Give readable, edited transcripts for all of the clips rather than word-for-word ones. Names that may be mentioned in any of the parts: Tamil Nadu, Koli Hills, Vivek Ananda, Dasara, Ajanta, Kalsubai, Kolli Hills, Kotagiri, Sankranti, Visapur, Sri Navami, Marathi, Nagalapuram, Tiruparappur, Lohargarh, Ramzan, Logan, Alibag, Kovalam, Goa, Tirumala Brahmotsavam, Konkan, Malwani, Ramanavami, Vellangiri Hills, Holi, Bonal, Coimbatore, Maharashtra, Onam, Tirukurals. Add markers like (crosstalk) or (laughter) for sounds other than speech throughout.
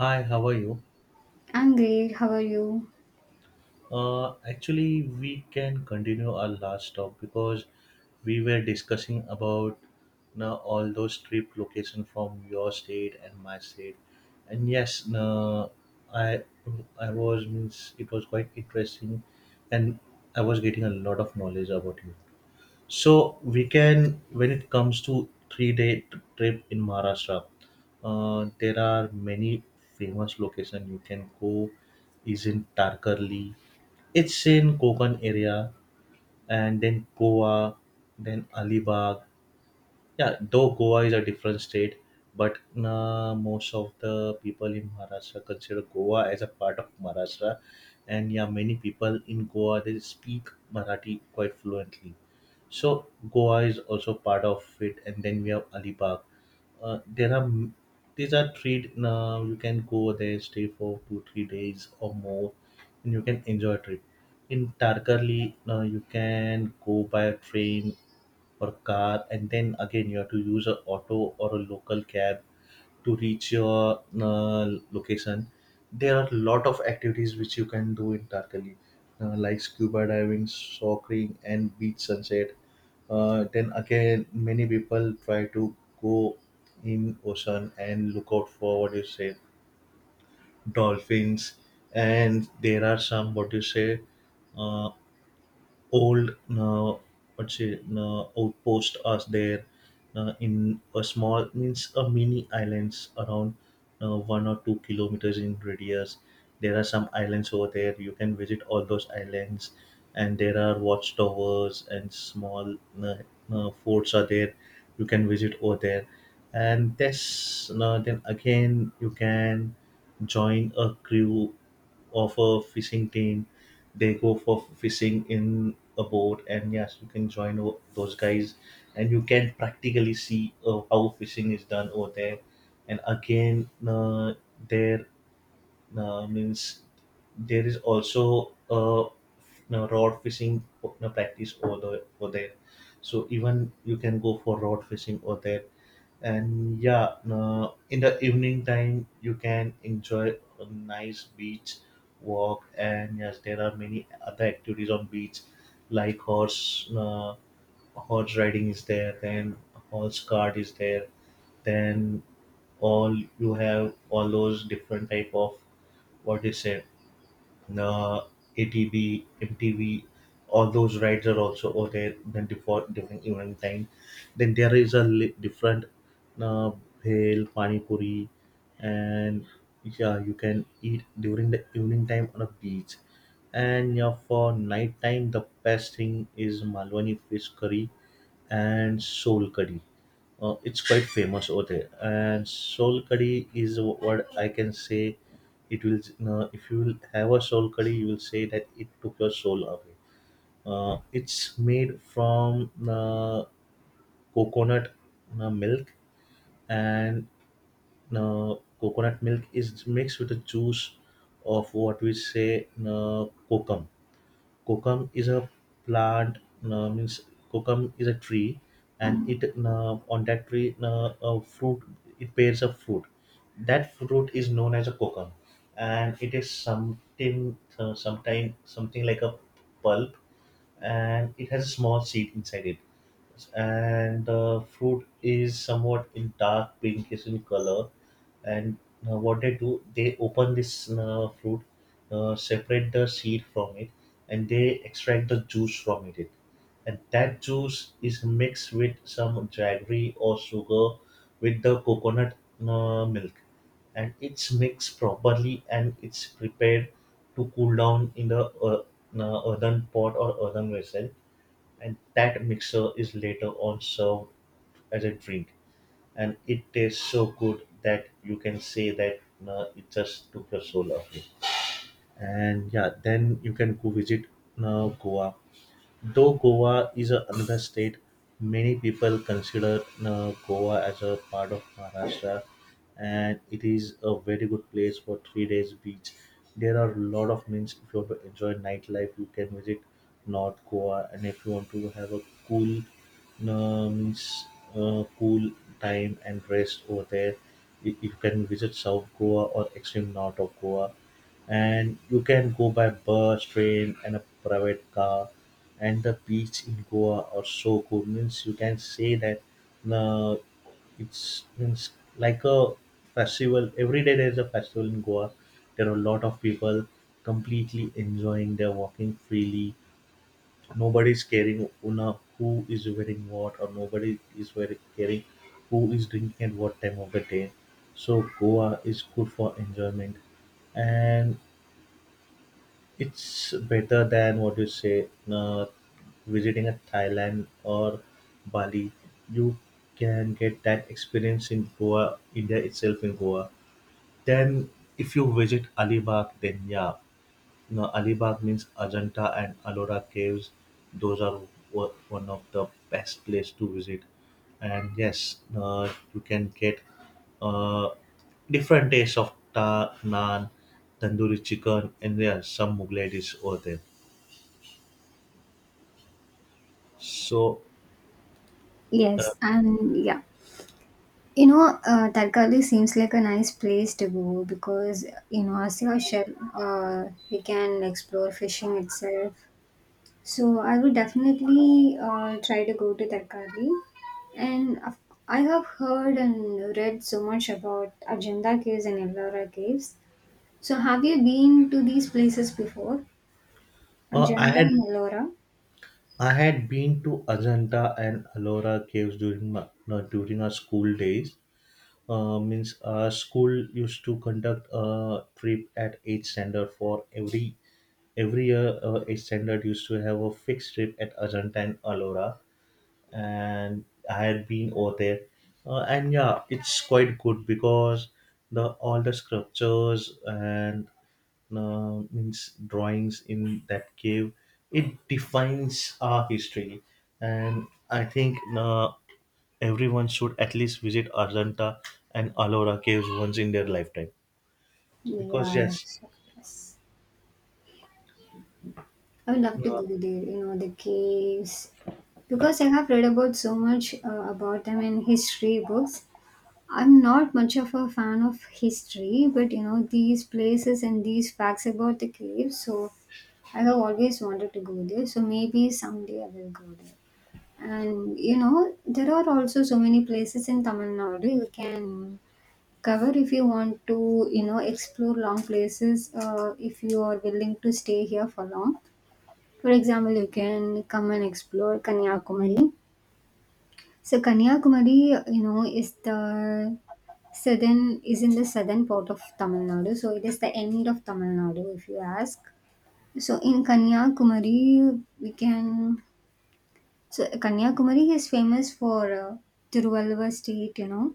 Hi, how are you? I'm great. How are you? We can continue our last talk because we were discussing about now all those trip location from your state and my state, and yes, no, I I was means it was quite interesting, and I was getting a lot of knowledge about you. So we can, when it comes to three-day trip in Maharashtra, there are many famous location you can go. Is in Tarkarli, it's in Konkan area, and then Goa, then Alibag, yeah, though Goa is a different state but most of the people in Maharashtra consider Goa as a part of Maharashtra and yeah many people in Goa they speak Marathi quite fluently so Goa is also part of it and then we have Alibag. uh, there are m- these are three. You can go there stay for 2 3 days or more and you can enjoy a trip in Tarkarli. You can go by train or car and then again you have to use a auto or a local cab to reach your location. There are a lot of activities which you can do in Tarkali, like scuba diving, snorkeling, and beach sunset. Then again, many people try to go in ocean and look out for what do you say dolphins, and there are some what do you say uh, old, what's it outpost are there in a small means a mini islands around 1 or 2 kilometers in radius. There are some islands over there, you can visit all those islands and there are watchtowers and small, uh, forts are there, you can visit over there. And this then again you can join a crew of a fishing team. They go for fishing in a boat, and yes, you can join those guys, and you can practically see how fishing is done over there. And again, there means there is also no, rod fishing no, practice over, the, over there. So even you can go for rod fishing over there. And yeah, in the evening time, you can enjoy a nice beach walk. And yes, there are many other activities on beach, like horse riding is there, then horse cart is there, then all you have all those different type of what you say, uh, ATV, MTV, all those rides are also over there. Then before during evening time, then there is a different, uh, bhel, pani puri, and yeah, you can eat during the evening time on a beach. And yeah, for night time, the best thing is Malwani fish curry and soul curry. It's quite famous over there, and soul curry is what I can say it will, if you will have a soul curry you will say that it took your soul away. It's made from coconut milk and coconut milk is mixed with the juice of what we say kokum. Kokum is a plant, means kokum is a tree, and it on that tree a fruit, it bears a fruit. That fruit is known as a kokum, and it is something sometime something like a pulp, and it has a small seed inside it. And the fruit is somewhat in dark pinkish in color, and what they do they open this fruit, separate the seed from it and they extract the juice from it and that juice is mixed with some jaggery or sugar with the coconut milk and it's mixed properly and it's prepared to cool down in the earthen pot or earthen vessel, and that mixture is later on served as a drink and it tastes so good that you can say that it just took your soul away. And yeah, then you can go visit Goa. Though Goa is a Andhra state, many people consider Goa as a part of Maharashtra, and it is a very good place for 3 days beach. There are a lot of means if you want to enjoy nightlife, you can visit North Goa, and if you want to have a cool, means cool time and rest over there, you can visit South Goa or extreme north of Goa and you can go by bus, train, and a private car and the beach in Goa are so good. Means you can say that uh, it's means like a festival. Every day there is a festival in Goa. There are a lot of people completely enjoying. They're walking freely. Nobody's caring una who is wearing what, or nobody is wearing caring who is drinking at what time of the day. So Goa is good for enjoyment and it's better than what you say, visiting a Thailand or Bali. You can get that experience in Goa, India itself in Goa. Then if you visit Alibag, then yeah, no, Alibag means Ajanta and Ellora caves. Those are one of the best place to visit. And yes, you can get uh, different tastes of ta, naan, tandoori chicken, and there are some Mughlai dishes over there. So uh, Yes, and yeah, you know, Tarkali seems like a nice place to go because in Asia, shell, uh, we can explore fishing itself. So I would definitely try to go to Tarkali, and I have heard and read so much about Ajanta caves and Ellora caves. So have you been to these places before? uh, I Ajanta had and Ellora? I had been to Ajanta and Ellora caves during my, no, during our school days. Means School used to conduct a trip at each standard for every year. Each standard used to have a fixed trip at Ajanta and Alora and I had been over there, and yeah it's quite good because the all the sculptures and means drawings in that cave, it defines our history and I think everyone should at least visit Ajanta and Ellora caves once in their lifetime. Because Yeah. yes, So, yes. I would love to uh, go there, you know, the caves. Because I have read about so much about them in history books. I'm not much of a fan of history, but you know, these places and these facts about the caves, so I have always wanted to go there, so maybe someday I will go there. And you know, there are also so many places in Tamil Nadu you can cover if you want to, you know, explore long places if you are willing to stay here for long. For example, you can come and explore Kanyakumari. So Kanyakumari, you know, is the southern is in the southern part of Tamil Nadu. So it is the end of Tamil Nadu, if you ask. So in Kanyakumari, we can. So Kanyakumari is famous for Tiruvalluvar Street, you know,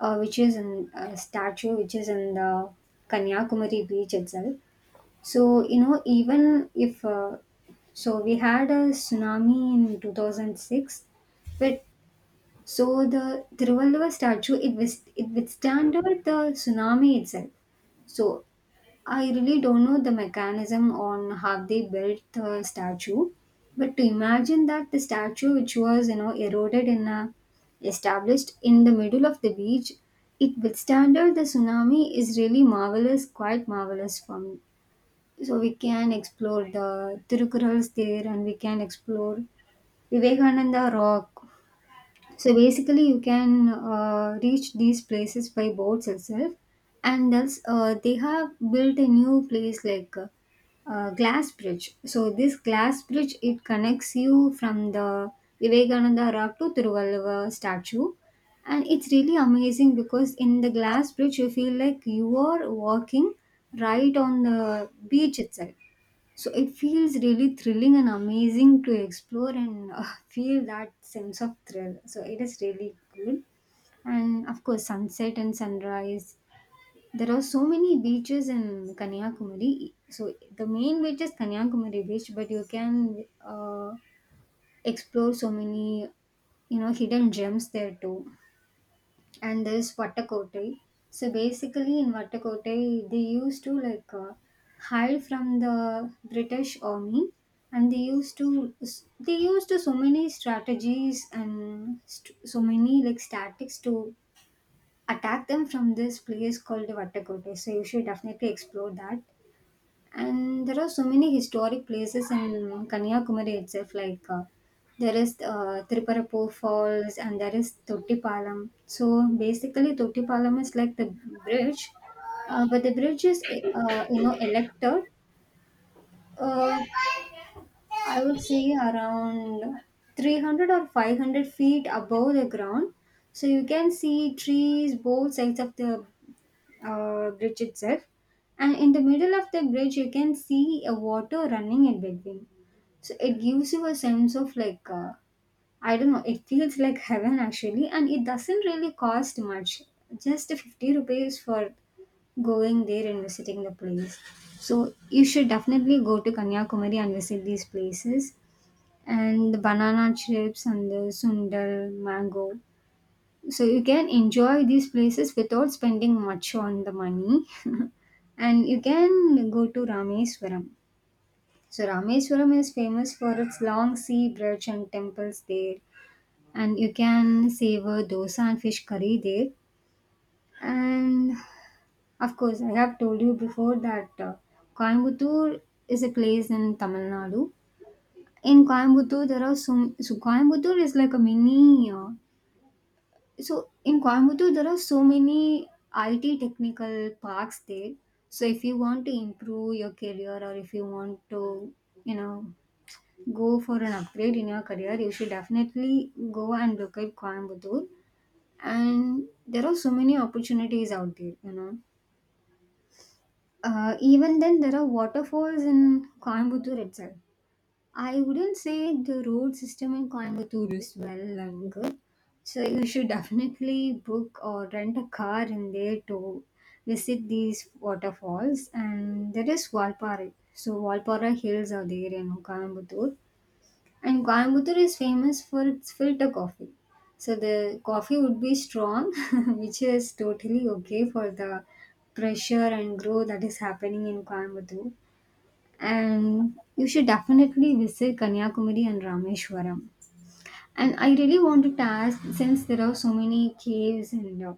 which is in a statue, which is in the Kanyakumari beach itself. So, you know, even if, so we had a tsunami in 2006, but so the Tiruvalluvar statue, it withstanded the tsunami itself. So I really don't know the mechanism on how they built the statue, but to imagine that the statue, which was, you know, established in the middle of the beach, it withstanded the tsunami is really marvelous, quite marvelous for me. So we can explore the Tirukurals there and we can explore Vivekananda Rock. So basically you can reach these places by boats itself and else they have built a new place like glass bridge. So this glass bridge it connects you from the Vivekananda Rock to Tiruvalluvar statue, and it's really amazing because in the glass bridge you feel like you are walking right on the beach itself. So it feels really thrilling and amazing to explore and (laughs) feel that sense of thrill. So it is really good. And of course, sunset and sunrise. There are so many beaches in Kanyakumari. So the main beach is Kanyakumari beach, but you can explore so many you know hidden gems there too and there's Vattakotai. So basically, in Vattakotai, they used to like hide from the British army, and they used to so many strategies and so many like tactics to attack them from this place called Vattakotai. So you should definitely explore that. And there are so many historic places in Kanyakumari itself, like there is Tiruparappur Falls and there is Tottipalam. So basically, Tottipalam is like the bridge, but the bridge is you know elected. Uh, I would say around 300 or 500 feet above the ground. So you can see trees both sides of the bridge itself, and in the middle of the bridge, you can see a water running in between. So it gives you a sense of like I don't know. It feels like heaven actually, and it doesn't really cost much. Just 50 rupees for going there and visiting the place. So you should definitely go to Kanyakumari and visit these places and the banana chips and the sundal mango so you can enjoy these places without spending much on the money (laughs) and you can go to Rameswaram. So Rameswaram is famous for its long sea bridge and temples there and you can savor dosa and fish curry there. And of course I have told you before that Coimbatore is a place in Tamil Nadu. In Coimbatore there are some so Coimbatore is like a mini So in Coimbatore, there are so many IT technical parks there. So if you want to improve your career or if you want to, you know, go for an upgrade in your career, you should definitely go and look at Coimbatore. And there are so many opportunities out there, you know. Even then, there are waterfalls in Coimbatore itself. I wouldn't say the road system in Coimbatore is well and good. So you should definitely book or rent a car in there to visit these waterfalls. And there is Valpara. So Valpara hills are there in Coimbatore. And Coimbatore is famous for its filter coffee. So the coffee would be strong, (laughs) which is totally okay for the pressure and growth that is happening in Coimbatore and you should definitely visit Kanyakumari and Rameshwaram. And I really want to ask, since there are so many caves and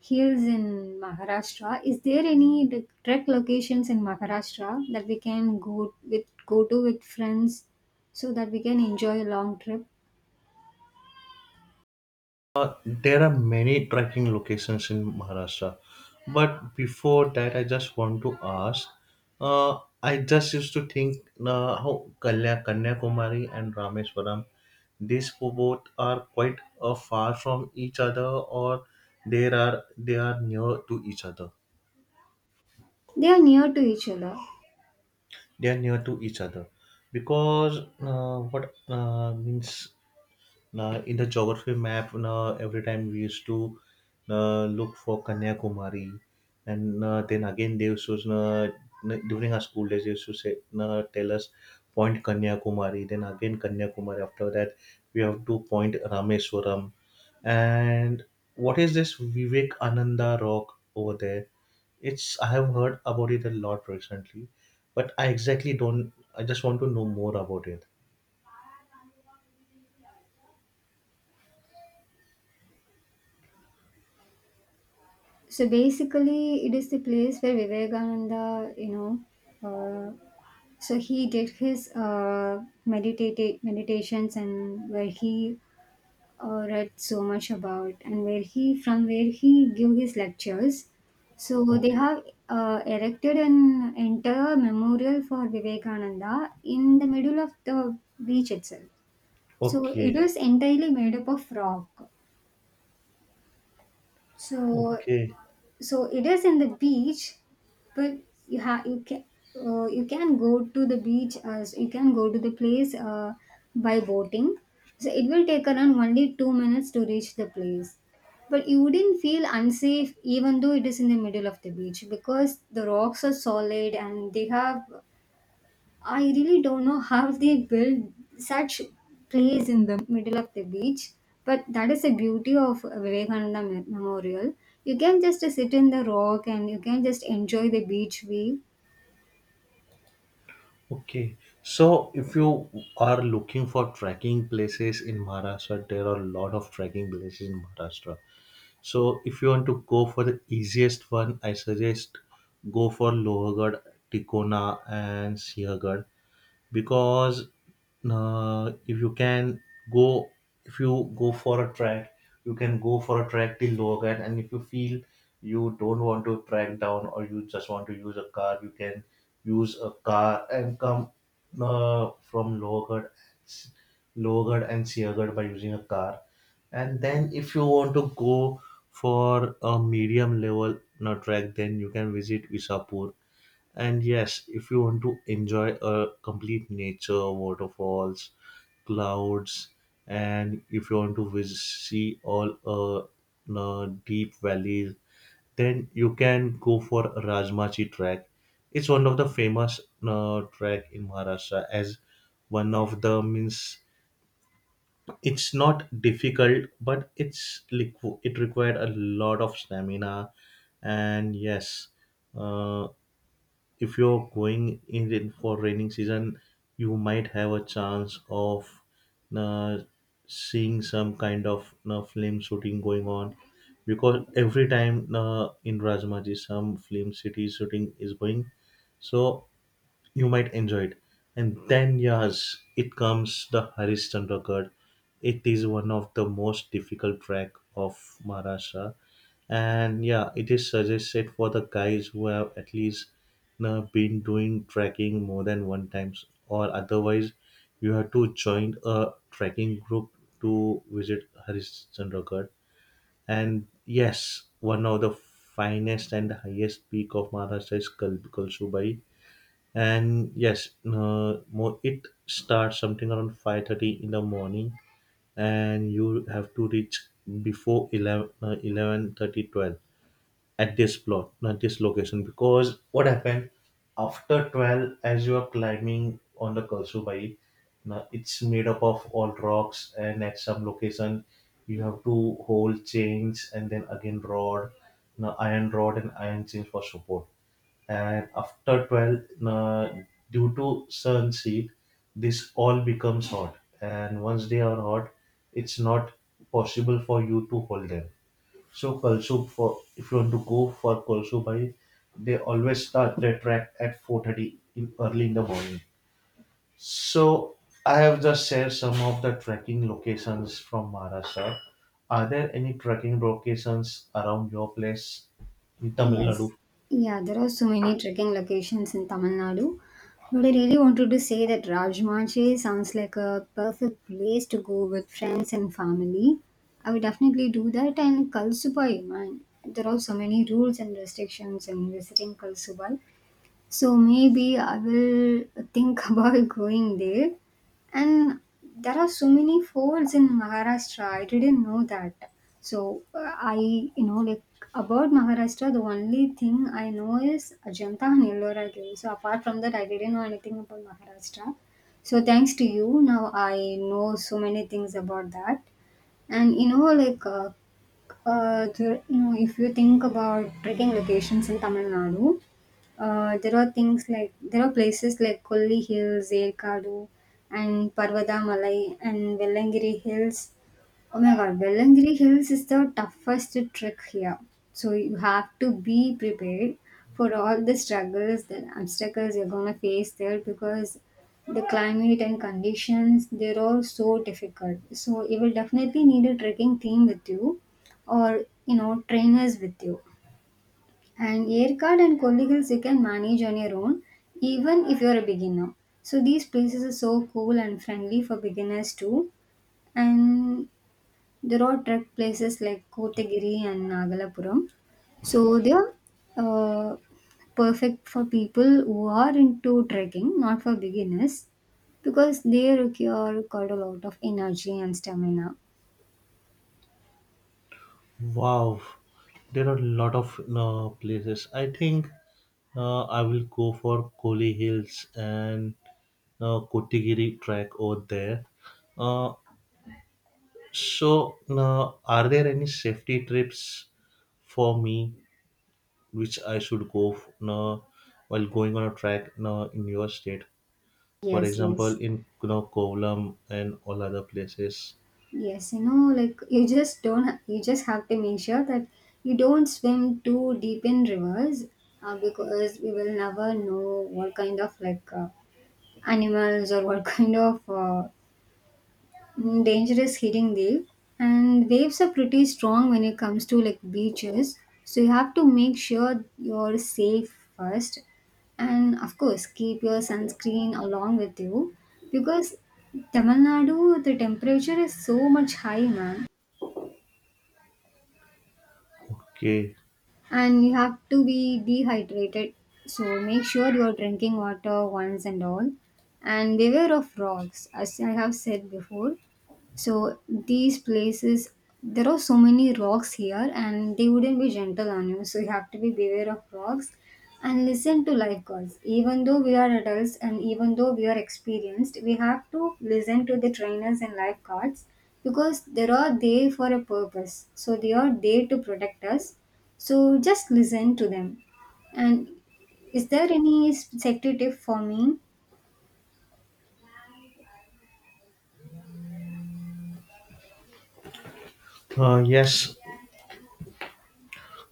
hills in Maharashtra, is there any like, trek locations in Maharashtra that we can go with go to with friends so that we can enjoy a long trip? There are many trekking locations in Maharashtra. But before that, I just want to ask. I just used to think how Kalya, Kanyakumari and Rameswaram, these both are quite far from each other, or they are near to each other. They are near to each other. They are near to each other because what means in the geography map, every time we used to look for Kanyakumari and then again they used to, during our school days they used to say, tell us point Kanyakumari then again Kanyakumari after that we have to point Rameswaram and what is this Vivek Ananda rock over there. It's, I have heard about it a lot recently, but I exactly don't. I just want to know more about it. So basically, it is the place where Vivekananda, you know, uh, so he did his meditative meditations and where he read so much about and where he from where he gave his lectures. So they Okay. have erected an entire memorial for Vivekananda in the middle of the beach itself. So it Okay. is entirely made up of rock. So Okay. so it is in the beach but you have you can you can go to the beach as you can go to the place by boating so it will take around only 2 minutes to reach the place but you wouldn't feel unsafe even though it is in the middle of the beach because the rocks are solid and they have I really don't know how they build such place in the middle of the beach, but that is the beauty of Vivekananda Memorial. You can just sit in the rock and you can just enjoy the beach view. Okay. So if you are looking for trekking places in Maharashtra, there are a lot of trekking places in Maharashtra. So if you want to go for the easiest one, I suggest go for Lohargarh, Tikona and Siagarh. Because if you can go if you go for a track you can go for a track till Logan and if you feel you don't want to track down or you just want to use a car you can use a car and come from Logan, Logan and Siagad by using a car and then if you want to go for a medium level no track then you can visit Visapur. And yes, if you want to enjoy a complete nature, waterfalls, clouds, and if you want to visit, see all deep valleys, then you can go for Rajmachi track. It's one of the famous track in Maharashtra as one of the means. It's not difficult, but it's it required a lot of stamina, and yes, uh, if you're going in for raining season, you might have a chance of uh, seeing some kind of film shooting going on because every time in Rajmaji some film city shooting is going. So you might enjoy it. And then, yes, it comes the Harishchandra Ghat. It is one of the most difficult track of Maharashtra. And yeah, it is suggested for the guys who have at least now been doing trekking more than one times, or otherwise, you have to join a trekking group to visit Harishchandra Ghat. And yes, one of the finest and highest peak of Maharashtra is Kalsubai, and yes more it starts something around 5:30 in the morning and you have to reach before 11 11:30 at this plot at this location because what happened after 12 as you are climbing on the Kalsubai now it's made up of all rocks and at some location you have to hold chains and then again rod, now iron rod and iron chains for support. And after 12, due to sun heat this all becomes hot and once they are hot it's not possible for you to hold them. So Kalsoop, for if you want to go for Kalsoop Bhai, they always start their track at 4:30 in early in the morning. So I have just shared some of the trekking locations from Maharashtra. Are there any trekking locations around your place in Tamil Nadu? Yes. Yeah, there are so many trekking locations in Tamil Nadu. But I really wanted to say that Rajmanchi sounds like a perfect place to go with friends and family. I would definitely do that. And Kalsubai, man, there are so many rules and restrictions in visiting Kalsubai. So maybe I will think (laughs) about going there. And there are so many forts in Maharashtra. I didn't know that. So I, you know, like about Maharashtra, the only thing I know is Ajanta and Ellora Cave. So apart from that, I didn't know anything about Maharashtra. So thanks to you, now I know so many things about that. And you know, like there, you know, if you think about trekking locations in Tamil Nadu, there are things like there are places like Kolli Hills, Erkadu, and Parvadamalai and Vellangiri Hills. Oh my god, Bellangiri Hills is the toughest trek here. So you have to be prepared for all the struggles, the obstacles you're gonna face there because the climate and conditions they're all so difficult. So you will definitely need a trekking team with you or you know trainers with you. And Yerkad and Kolli Hills you can manage on your own even if you're a beginner. So these places are so cool and friendly for beginners too and there are trek places like Kotagiri and Nagalapuram. So they are uh, perfect for people who are into trekking, not for beginners, because they require quite a lot of energy and stamina. Wow, there are a lot of places. I think I will go for Koli Hills and Kotigiri track over there. Uh, So, now, are there any safety trips for me which I should go now, while going on a track now, in your state? For Yes, example, yes, in you know, Kovalam and all other places. yes. You know, like you just don't, you just have to make sure that you don't swim too deep in rivers, because we will never know what kind of like animals or what (laughs) kind of dangerous hitting wave and waves are pretty strong when it comes to like beaches so you have to make sure you're safe first and of course keep your sunscreen along with you because Tamil Nadu the temperature is so much high man Okay. and you have to be dehydrated so make sure you're drinking water once and all and beware of rocks as I have said before. So these places, there are so many rocks here, and they wouldn't be gentle on you. So you have to be beware of rocks and listen to life gods. Even though we are adults and even though we are experienced, we have to listen to the trainers and life guards because they are there for a purpose. So they are there to protect us. So just listen to them. And is there any sector tip for me? Yes,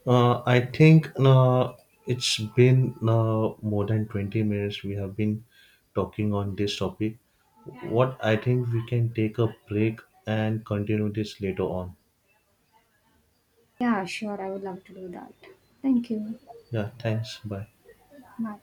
I think it's been more than 20 minutes we have been talking on this topic. What I think we can take a break and continue this later on. Yeah, sure. I would love to do that. Thank you. Yeah, thanks. Bye. Bye.